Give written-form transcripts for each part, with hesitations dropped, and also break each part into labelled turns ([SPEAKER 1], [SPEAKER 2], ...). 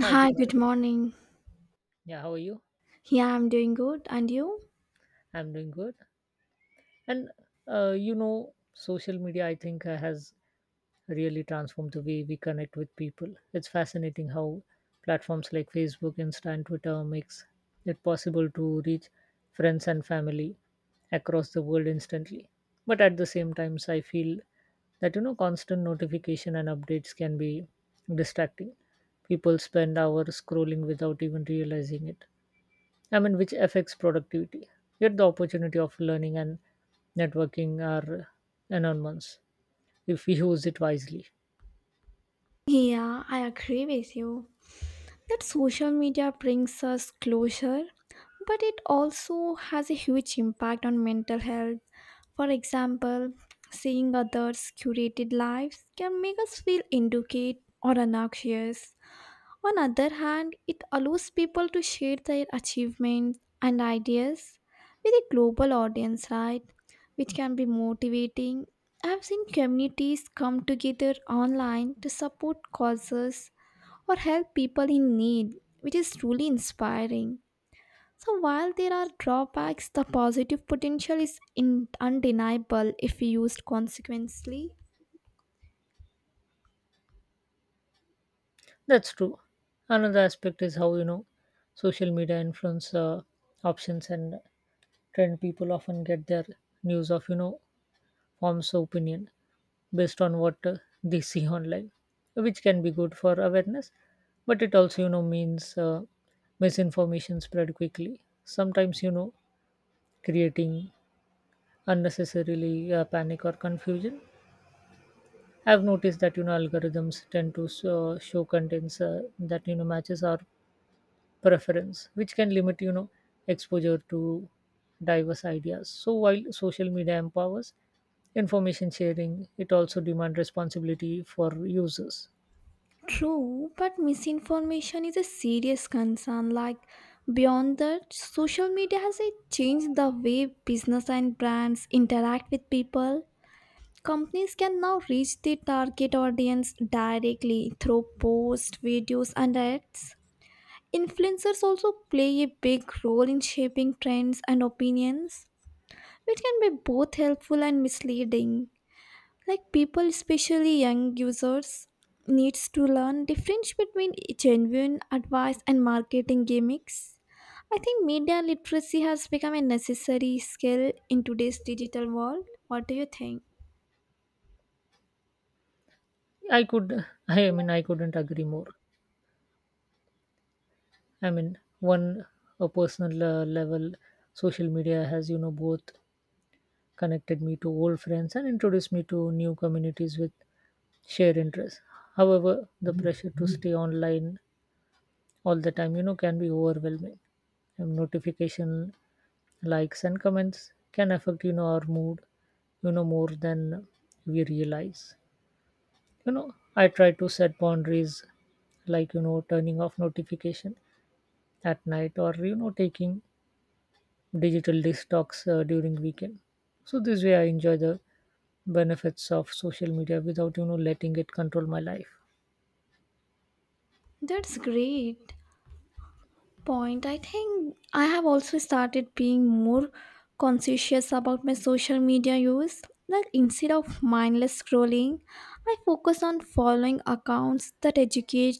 [SPEAKER 1] Hi, good
[SPEAKER 2] Hi,
[SPEAKER 1] morning.
[SPEAKER 2] good morning.
[SPEAKER 1] Yeah, how are you?
[SPEAKER 2] Yeah, I'm doing good. And you?
[SPEAKER 1] I'm doing good. And social media, I think, has really transformed the way we connect with people. It's fascinating how platforms like Facebook, Insta, and Twitter makes it possible to reach friends and family across the world instantly. But at the same time, I feel that constant notification and updates can be distracting. People spend hours scrolling without even realizing it, I mean, which affects productivity. Yet the opportunity of learning and networking are enormous if we use it wisely.
[SPEAKER 2] Yeah, I agree with you that social media brings us closure, but it also has a huge impact on mental health. For example, seeing others' curated lives can make us feel inadequate or obnoxious. On other hand, it allows people to share their achievements and ideas with a global audience, right? Which can be motivating. I've seen communities come together online to support causes or help people in need, which is truly inspiring. So, while there are drawbacks, the positive potential is undeniable if used consequently.
[SPEAKER 1] That's true. Another aspect is how social media influence options and trend. People often get their news of forms of opinion based on what they see online, which can be good for awareness, but it also means misinformation spread quickly. Sometimes creating unnecessarily panic or confusion. I've noticed that algorithms tend to, so, show contents that matches our preference, which can limit exposure to diverse ideas. So while social media empowers information sharing, it also demands responsibility for users.
[SPEAKER 2] True, but misinformation is a serious concern. Like, beyond that, social media has changed the way business and brands interact with people. Companies can now reach their target audience directly through posts, videos, and ads. Influencers also play a big role in shaping trends and opinions. It can be both helpful and misleading. Like people, especially young users, needs to learn difference between genuine advice and marketing gimmicks. I think media literacy has become a necessary skill in today's digital world. What do you think?
[SPEAKER 1] I mean, I couldn't agree more. I mean, one a personal level, social media has both connected me to old friends and introduced me to new communities with shared interests. However, the pressure to stay online all the time, can be overwhelming. And notification likes and comments can affect, our mood, more than we realize. I try to set boundaries like, turning off notification at night or, taking digital detox during weekend. So this way I enjoy the benefits of social media without letting it control my life.
[SPEAKER 2] That's great point. I think I have also started being more conscientious about my social media use. Like instead of mindless scrolling, I focus on following accounts that educate,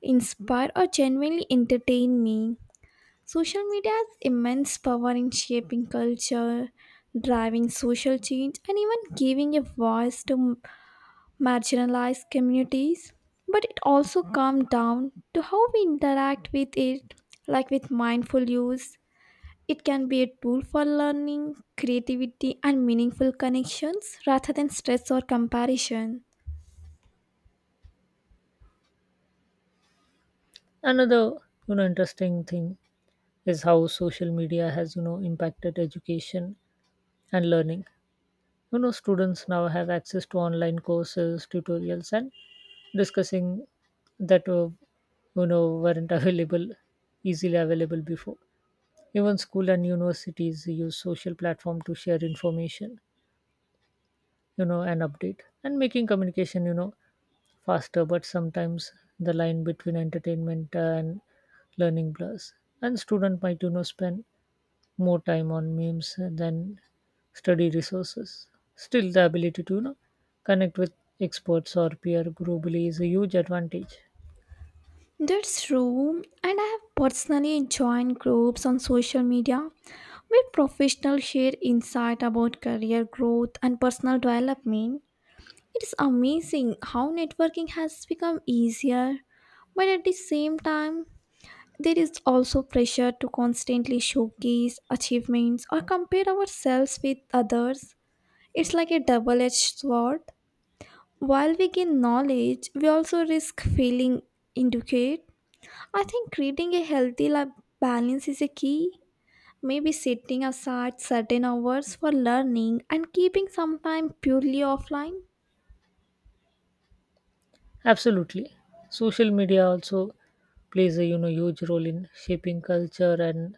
[SPEAKER 2] inspire, or genuinely entertain me. Social media has immense power in shaping culture, driving social change, and even giving a voice to marginalized communities, but it also comes down to how we interact with it, like with mindful use. It can be a tool for learning, creativity, and meaningful connections rather than stress or comparison.
[SPEAKER 1] Another interesting thing is how social media has impacted education and learning. Students now have access to online courses tutorials and discussing that weren't available easily available before. Even school and universities use social platform to share information and update and making communication faster, but sometimes the line between entertainment and learning blurs. And student might spend more time on memes than study resources. Still, the ability to connect with experts or peer globally is a huge advantage.
[SPEAKER 2] That's true, and I have personally joined groups on social media where professionals share insight about career growth and personal development. It's amazing how networking has become easier, but at the same time, there is also pressure to constantly showcase achievements or compare ourselves with others. It's like a double edged sword. While we gain knowledge, we also risk feeling inadequate. I think creating a healthy life balance is a key. Maybe setting aside certain hours for learning and keeping some time purely offline.
[SPEAKER 1] Absolutely, social media also plays a huge role in shaping culture and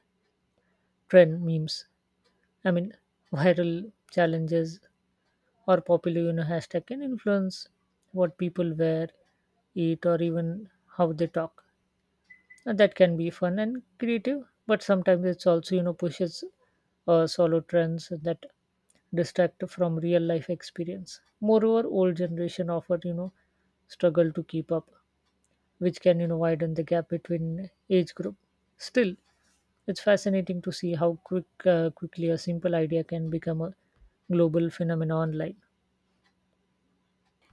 [SPEAKER 1] trend memes. I mean, viral challenges or popular hashtag can influence what people wear eat or even how they talk, and that can be fun and creative, but sometimes it's also pushes solo trends that distract from real life experience. Moreover, old generation often struggle to keep up, which can widen the gap between age group. Still, it's fascinating to see how quickly a simple idea can become a global phenomenon online.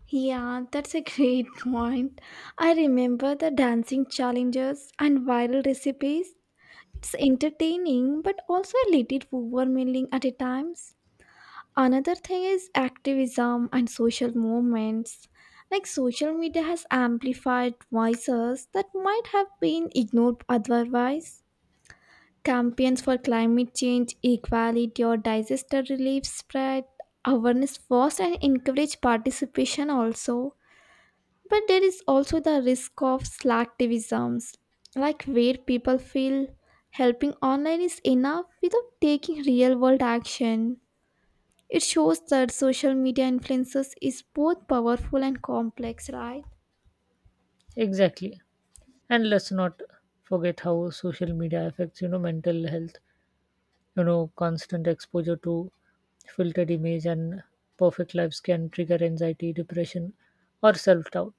[SPEAKER 2] Yeah, that's a great point. I remember the dancing challenges and viral recipes. It's entertaining, but also a little overwhelming at a times. Another thing is activism and social movements. Like social media has amplified voices that might have been ignored otherwise. Campaigns for climate change, equality, or disaster relief spread awareness first and encourage participation also. But there is also the risk of slacktivisms, like where people feel helping online is enough without taking real world action. It shows that social media influences is both powerful and complex, right?
[SPEAKER 1] Exactly. And let's not forget how social media affects mental health. Constant exposure to filtered image and perfect lives can trigger anxiety depression or self-doubt.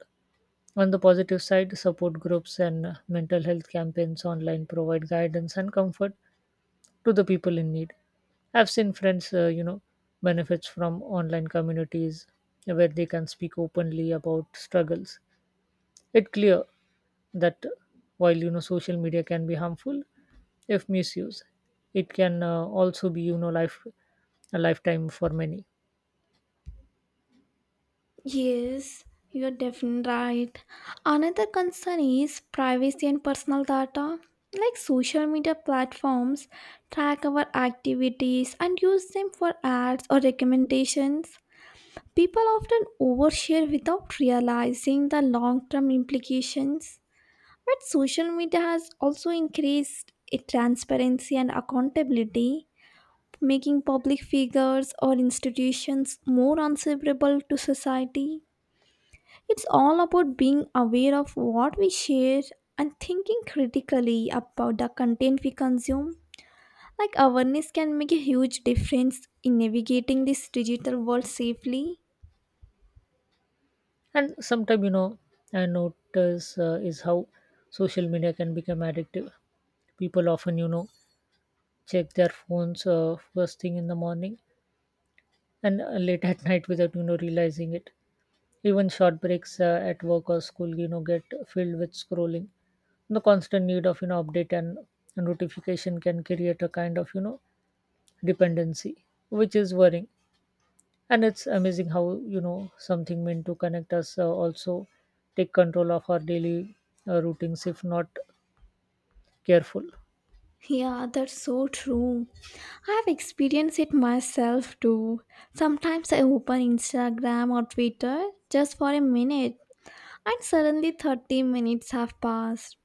[SPEAKER 1] On the positive side, support groups and mental health campaigns online provide guidance and comfort to the people in need. I've seen friends benefits from online communities where they can speak openly about struggles. It's clear that while social media can be harmful if misused, it can also be life a lifetime for many.
[SPEAKER 2] Yes, you're definitely right. Another concern is privacy and personal data. Like social media platforms track our activities and use them for ads or recommendations. People often overshare without realizing the long term implications, but social media has also increased its transparency and accountability, making public figures or institutions more answerable to society. It's all about being aware of what we share and thinking critically about the content we consume. Like awareness can make a huge difference in navigating this digital world safely.
[SPEAKER 1] And sometimes I notice is how social media can become addictive. People often check their phones first thing in the morning and late at night without realizing it. Even short breaks at work or school get filled with scrolling. The constant need of update and notification can create a kind of dependency, which is worrying. And it's amazing how something meant to connect us also take control of our daily routines if not careful.
[SPEAKER 2] Yeah, that's so true. I've experienced it myself too. Sometimes I open Instagram or Twitter just for a minute and suddenly 30 minutes have passed.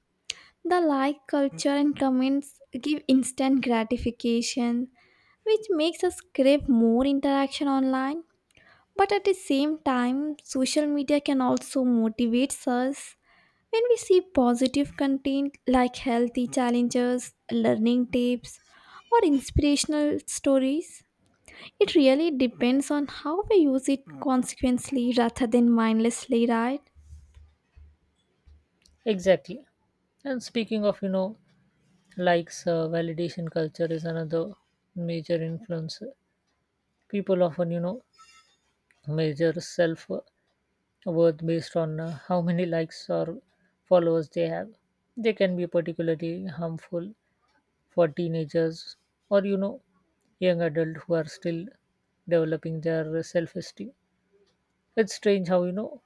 [SPEAKER 2] The like culture and comments give instant gratification, which makes us crave more interaction online. But at the same time, social media can also motivate us when we see positive content like healthy challenges, learning tips, or inspirational stories. It really depends on how we use it consequently rather than mindlessly, right?
[SPEAKER 1] Exactly. And speaking of likes, validation culture is another major influence. People often measure self worth based on how many likes or followers they have. They can be particularly harmful for teenagers or young adults who are still developing their self esteem. It's strange how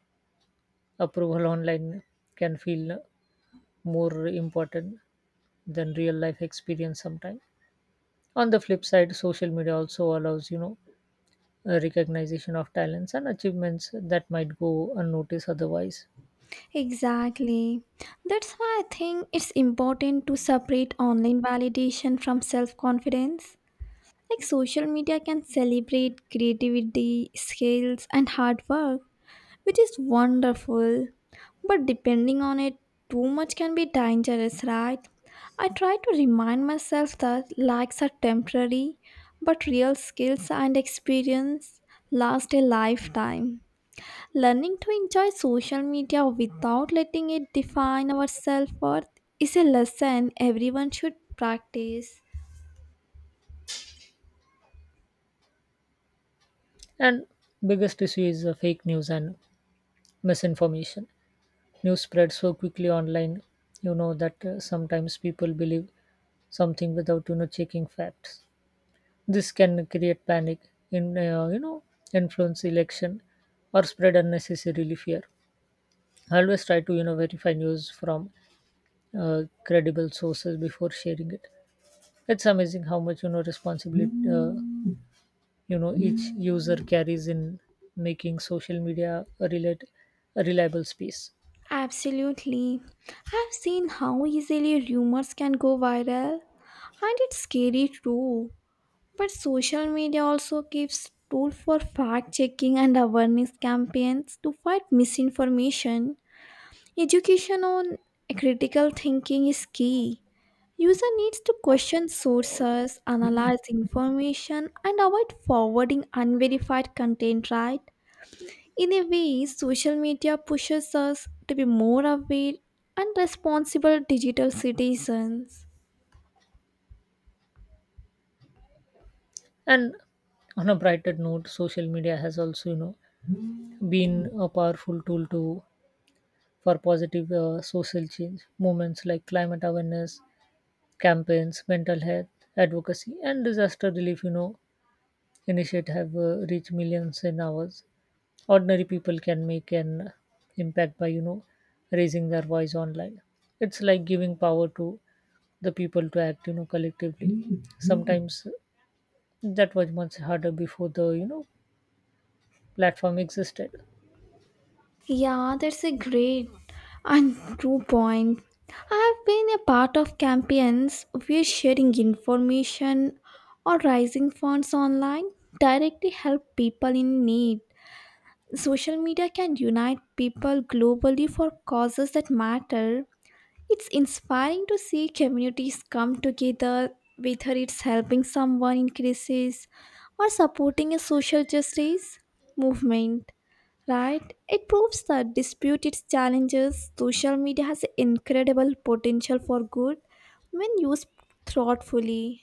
[SPEAKER 1] approval online can feel more important than real life experience sometimes. On the flip side, social media also allows a recognition of talents and achievements that might go unnoticed otherwise.
[SPEAKER 2] Exactly. That's why I think it's important to separate online validation from self confidence. Like social media can celebrate creativity, skills, and hard work which is wonderful. But depending on it, too much can be dangerous, right? I try to remind myself that likes are temporary, but real skills and experience last a lifetime. Learning to enjoy social media without letting it define our self worth is a lesson everyone should practice.
[SPEAKER 1] And biggest issue is fake news and misinformation. News spreads so quickly online that sometimes people believe something without checking facts. This can create panic in influence election or spread unnecessarily fear. I always try to verify news from credible sources before sharing it. It's amazing how much responsibility each user carries in making social media a reliable space.
[SPEAKER 2] Absolutely. I've seen how easily rumors can go viral, and it's scary too. But social media also gives tool for fact checking and awareness campaigns to fight misinformation. Education on critical thinking is key. User needs to question sources, analyze information, and avoid forwarding unverified content, right? In a way, social media pushes us to be more aware and responsible digital citizens.
[SPEAKER 1] And on a brighter note, social media has also been a powerful tool to for positive social change. Movements like climate awareness campaigns, mental health advocacy, and disaster relief, initiate have reached millions in hours. Ordinary people can make an impact by, raising their voice online. It's like giving power to the people to act, collectively. Sometimes that was much harder before the, platform existed.
[SPEAKER 2] Yeah, that's a great and true point. I've been a part of campaigns where sharing information or raising funds online directly help people in need. Social media can unite people globally for causes that matter. It's inspiring to see communities come together, whether it's helping someone in crisis or supporting a social justice movement. Right? It proves that despite its challenges, social media has incredible potential for good when used thoughtfully.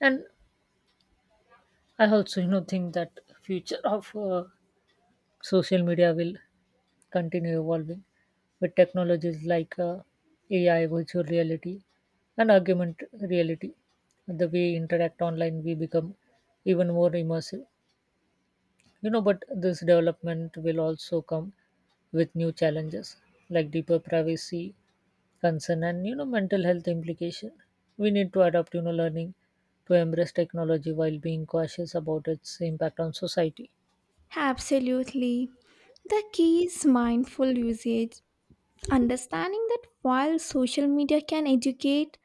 [SPEAKER 1] And I also, think that future of social media will continue evolving with technologies like AI, virtual reality, and augmented reality. The way we interact online, we become even more immersive. But this development will also come with new challenges like deeper privacy concern and mental health implication. We need to adapt, learning to embrace technology while being cautious about its impact on society.
[SPEAKER 2] Absolutely. The key is mindful usage, understanding that while social media can educate,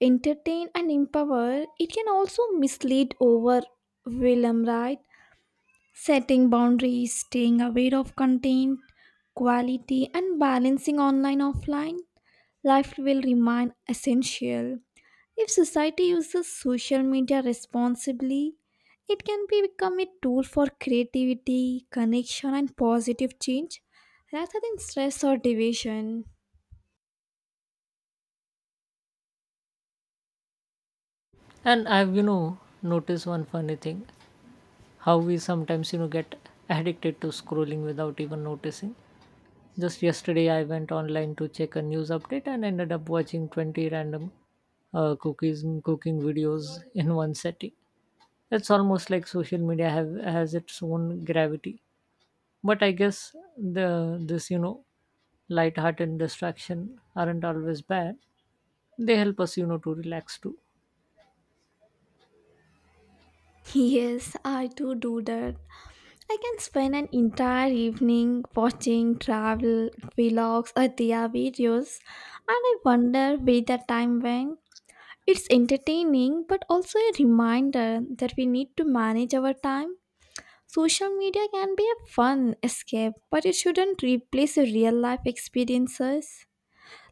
[SPEAKER 2] entertain, and empower, it can also mislead over Willem, right? Setting boundaries, staying aware of content, quality, and balancing online offline life will remain essential. If society uses social media responsibly, it can be become a tool for creativity, connection, and positive change rather than stress or division.
[SPEAKER 1] And I've noticed one funny thing, how we sometimes get addicted to scrolling without even noticing. Just yesterday I went online to check a news update and ended up watching 20 random cookies cooking videos in one setting. It's almost like social media have has its own gravity. But I guess the this light-hearted distraction aren't always bad. They help us to relax too.
[SPEAKER 2] Yes, I do that. I can spend an entire evening watching travel vlogs or their videos, and I wonder where the time went. It's entertaining, but also a reminder that we need to manage our time. Social media can be a fun escape, but it shouldn't replace your real life experiences.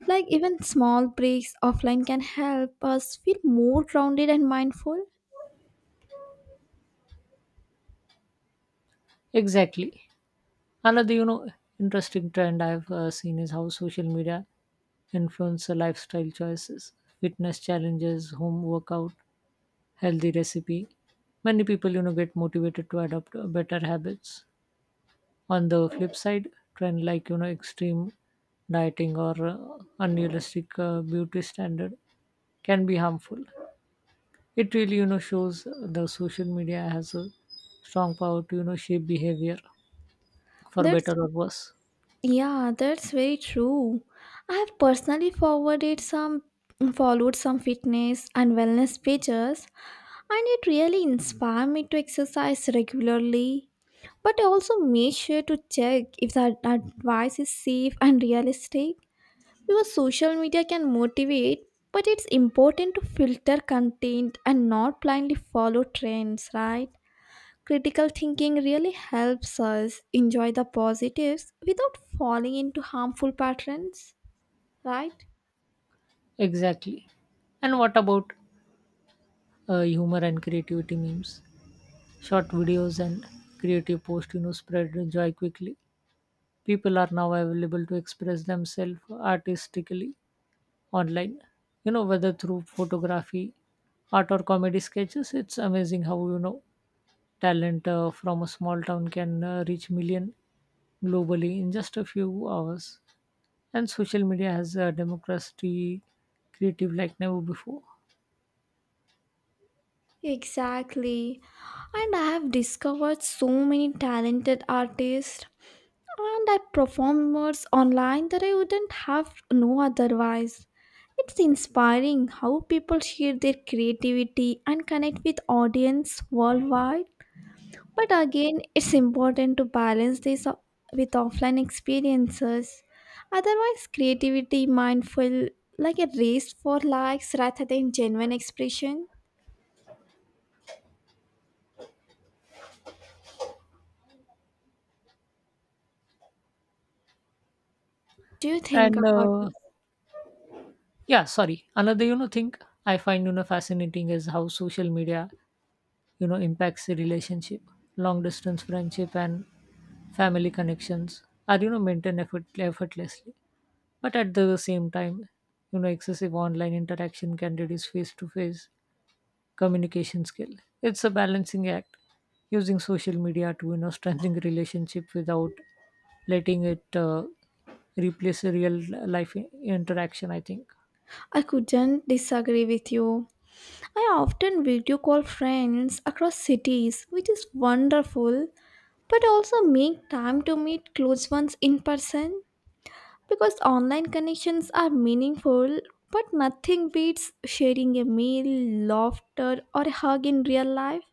[SPEAKER 2] Like even small breaks offline can help us feel more grounded and mindful.
[SPEAKER 1] Exactly. Another, interesting trend I've seen is how social media influence lifestyle choices, fitness challenges, home workout, healthy recipe. Many people, get motivated to adopt better habits. On the flip side, trend like extreme dieting or unrealistic beauty standard can be harmful. It really, shows the social media has a strong power to shape behavior for
[SPEAKER 2] That's,
[SPEAKER 1] better or worse.
[SPEAKER 2] yeah, that's very true. I have personally forwarded some followed some fitness and wellness pages and it really inspired me to exercise regularly. But I also make sure to check if the advice is safe and realistic. Because social media can motivate, but it's important to filter content and not blindly follow trends, right? Critical thinking really helps us enjoy the positives without falling into harmful patterns, right?
[SPEAKER 1] Exactly. And what about humor and creativity memes? Short videos and creative posts, spread joy quickly. People are now available to express themselves artistically online. Whether through photography, art, or comedy sketches, it's amazing how, talent from a small town can reach million globally in just a few hours. And social media has democracy creative like never before.
[SPEAKER 2] Exactly. And I have discovered so many talented artists and I perform words online that I wouldn't have no otherwise. It's inspiring how people share their creativity and connect with audience worldwide. But again, it's important to balance with offline experiences. Otherwise, creativity might feel like a race for likes rather than genuine expression. Do you think
[SPEAKER 1] And
[SPEAKER 2] about
[SPEAKER 1] uh,
[SPEAKER 2] this?
[SPEAKER 1] yeah sorry, another thing I find fascinating is how social media impacts the relationship. Long distance friendship and family connections are maintained effortlessly. But at the same time, excessive online interaction can reduce face to face communication skill. It's a balancing act using social media to strengthen relationship without letting it replace a real life interaction, I think.
[SPEAKER 2] I couldn't disagree with you. I often video call friends across cities, which is wonderful, but also make time to meet close ones in person because online connections are meaningful, but nothing beats sharing a meal, laughter, or a hug in real life,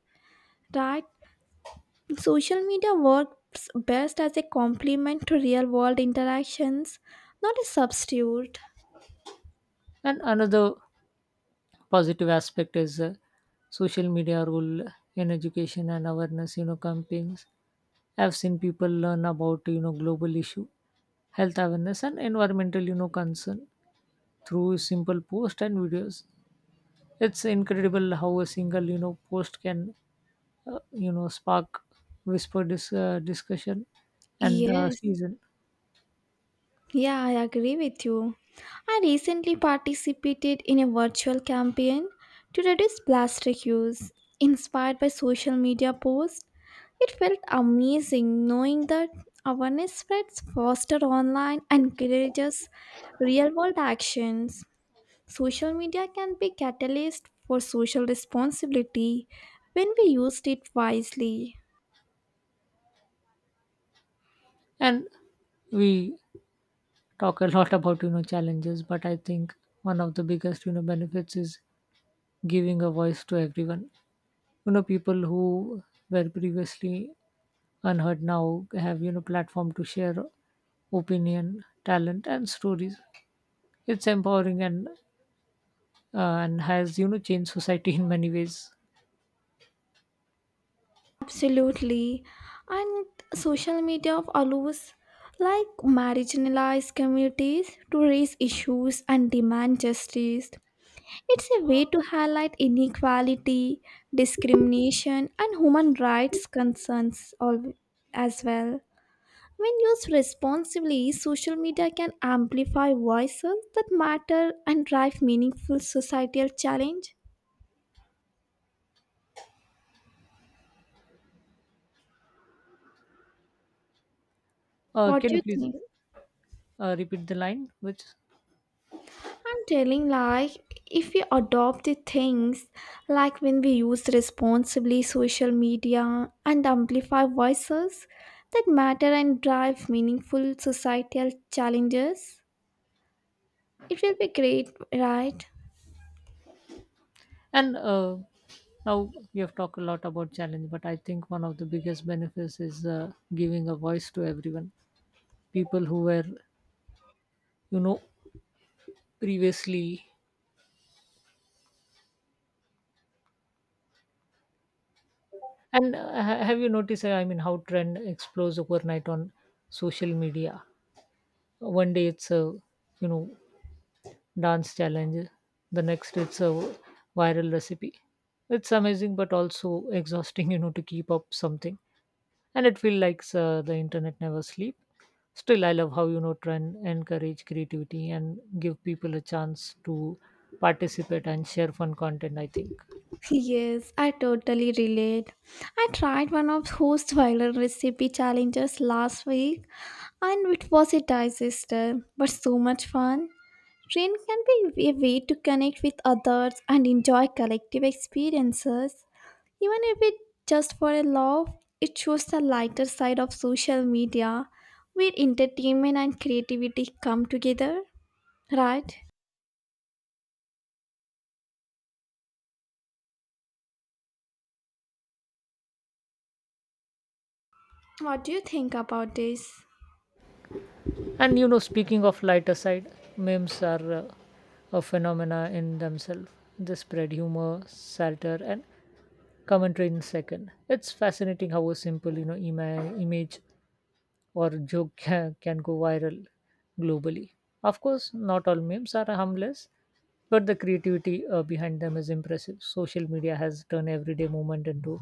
[SPEAKER 2] right? Social media works best as a complement to real world interactions, not a substitute.
[SPEAKER 1] And another positive aspect is social media role in education and awareness campaigns. I've seen people learn about global issue, health awareness and environmental concern through simple post and videos. It's incredible how a single post can spark whisper this discussion. And
[SPEAKER 2] Yes.
[SPEAKER 1] season.
[SPEAKER 2] Yeah, I agree with you. I recently participated in a virtual campaign to reduce plastic use, inspired by social media posts. It felt amazing knowing that awareness spreads faster online and encourages real-world actions. Social media can be catalyst for social responsibility when we used it wisely.
[SPEAKER 1] And we talk a lot about challenges, but I think one of the biggest benefits is giving a voice to everyone. People who were previously unheard now have platform to share opinion talent and stories. It's empowering and has changed society in many ways.
[SPEAKER 2] Absolutely. And social media allows like marginalized communities to raise issues and demand justice. It's a way to highlight inequality, discrimination, and human rights concerns all as well. When used responsibly, social media can amplify voices that matter and drive meaningful societal change. What
[SPEAKER 1] Can
[SPEAKER 2] do
[SPEAKER 1] you
[SPEAKER 2] you
[SPEAKER 1] please
[SPEAKER 2] think?
[SPEAKER 1] repeat the line which.
[SPEAKER 2] I'm telling like if we adopt the things like when we use responsibly social media and amplify voices that matter and drive meaningful societal challenges, it will be great, right?
[SPEAKER 1] And now we have talked a lot about challenge, but I think one of the biggest benefits is giving a voice to everyone, people who were you know previously. And have you noticed, I mean, how trend explodes overnight on social media? One day it's a, you know, dance challenge. The next it's a viral recipe. It's amazing, but also exhausting, to keep up something. And it feels like the internet never sleep. Still, I love how, trend encourage creativity and give people a chance to participate and share fun content, I think.
[SPEAKER 2] Yes, I totally relate. I tried one of host viral recipe challenges last week and it was a disaster, but so much fun. Train can be a way to connect with others and enjoy collective experiences. Even if it's just for a laugh, it shows the lighter side of social media where entertainment and creativity come together. Right? What do you think about this?
[SPEAKER 1] And speaking of lighter side, memes are a phenomena in themselves. They spread humor satire and commentary in second. It's fascinating how a simple image or joke can go viral globally. Of course not all memes are harmless, but the creativity behind them is impressive. Social media has turned everyday moment into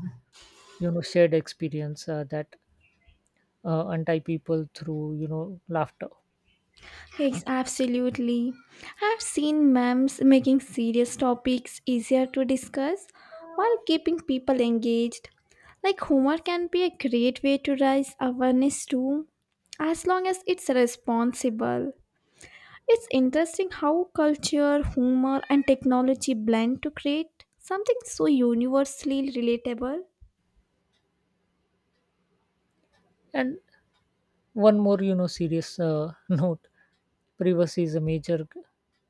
[SPEAKER 1] shared experience that untie people through laughter.
[SPEAKER 2] Yes, absolutely. I've seen memes making serious topics easier to discuss while keeping people engaged. Like humor can be a great way to raise awareness too, as long as it's responsible. It's interesting how culture, humor, and technology blend to create something so universally relatable.
[SPEAKER 1] And one more, serious note, privacy is a major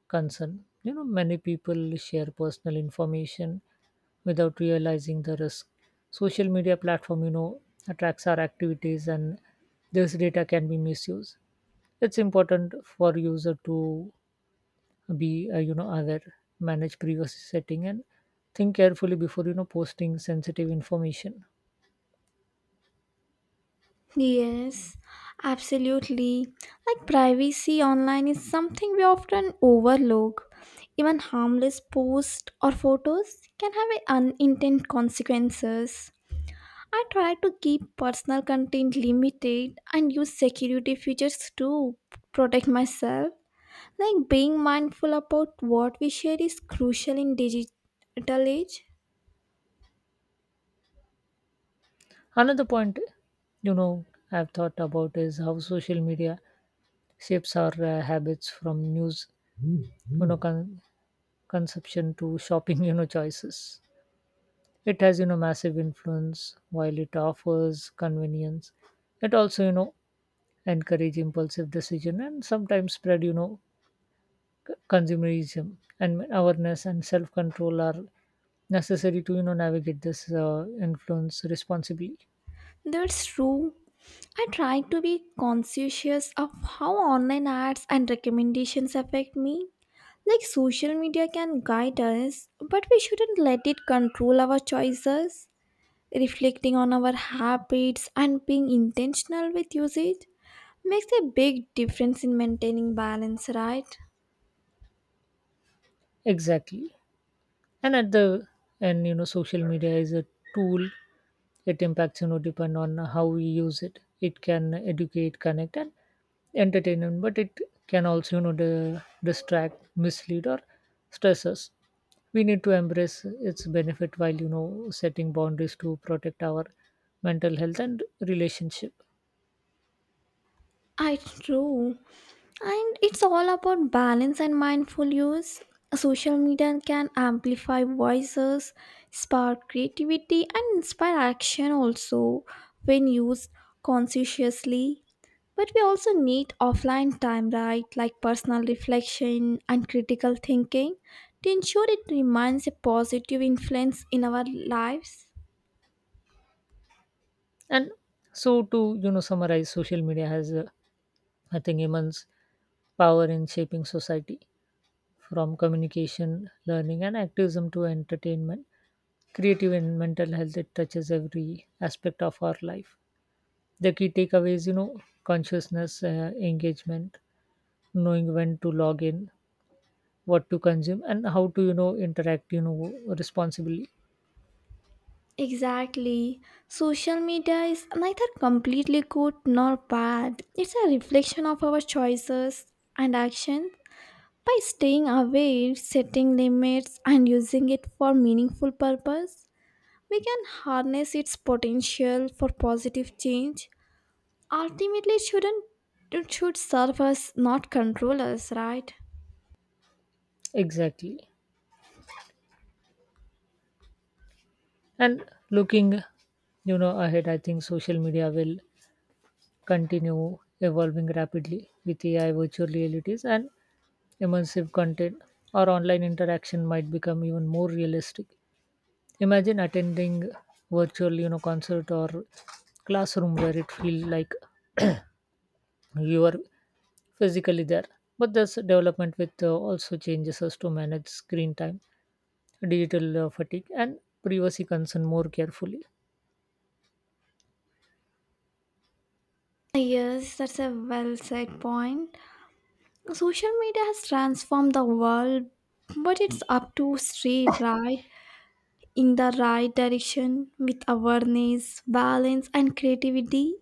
[SPEAKER 1] concern. Many people share personal information without realizing the risk. Social media platform, attracts our activities and this data can be misused. It's important for user to be, aware, manage privacy setting and think carefully before, posting sensitive information.
[SPEAKER 2] Yes, absolutely. Like privacy online is something we often overlook. Even harmless posts or photos can have a unintended consequences. I try to keep personal content limited and use security features to protect myself. Like being mindful about what we share is crucial in digital age.
[SPEAKER 1] Another point, you know, I've thought about is how social media shapes our habits from news you know con- consumption to shopping choices. It has massive influence while it offers convenience. It also encourage impulsive decision and sometimes spread consumerism. And awareness and self control are necessary to navigate this influence responsibly.
[SPEAKER 2] That's true. I try to be conscientious of how online ads and recommendations affect me. Like social media can guide us, but we shouldn't let it control our choices. Reflecting on our habits and being intentional with usage makes a big difference in maintaining balance, right?
[SPEAKER 1] Exactly. And at the end social media is a tool. It impacts depend on how we use it. It can educate connect and entertainment, but it can also distract mislead or stress us. We need to embrace its benefit while setting boundaries to protect our mental health and relationship.
[SPEAKER 2] I true. And it's all about balance and mindful use. Social media can amplify voices, spark creativity, and inspire action also when used consciously. But we also need offline time, right? Like personal reflection and critical thinking to ensure it remains a positive influence in our lives.
[SPEAKER 1] And so to summarize, social media has I think immense power in shaping society. From communication, learning, and activism to entertainment, creative and mental health, it touches every aspect of our life. The key takeaways, consciousness, engagement, knowing when to log in, what to consume, and how to, interact, responsibly.
[SPEAKER 2] Exactly. Social media is neither completely good nor bad. It's a reflection of our choices and actions. By staying aware, setting limits, and using it for meaningful purpose, we can harness its potential for positive change. Ultimately, it should serve us, not control us, right?
[SPEAKER 1] Exactly. And looking, ahead, I think social media will continue evolving rapidly with AI, virtual realities, and immersive content. Our online interaction might become even more realistic. Imagine attending virtual, concert or classroom where it feels like you are physically there. But this development with also changes us to manage screen time, digital fatigue, and privacy concern more carefully.
[SPEAKER 2] Yes, that's a well said point. Social media has transformed the world, but it's up to straight right in the right direction with awareness, balance, and creativity.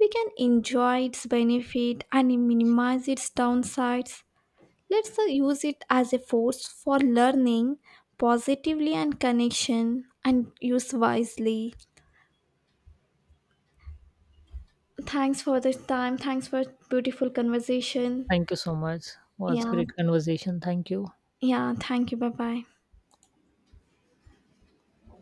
[SPEAKER 2] We can enjoy its benefit and minimize its downsides. Let's use it as a force for learning positively and connection and use wisely. Thanks for this time. Thanks for beautiful conversation.
[SPEAKER 1] Thank you so much. Was
[SPEAKER 2] Yeah.
[SPEAKER 1] great conversation. Thank you.
[SPEAKER 2] Yeah. Thank you. Bye bye.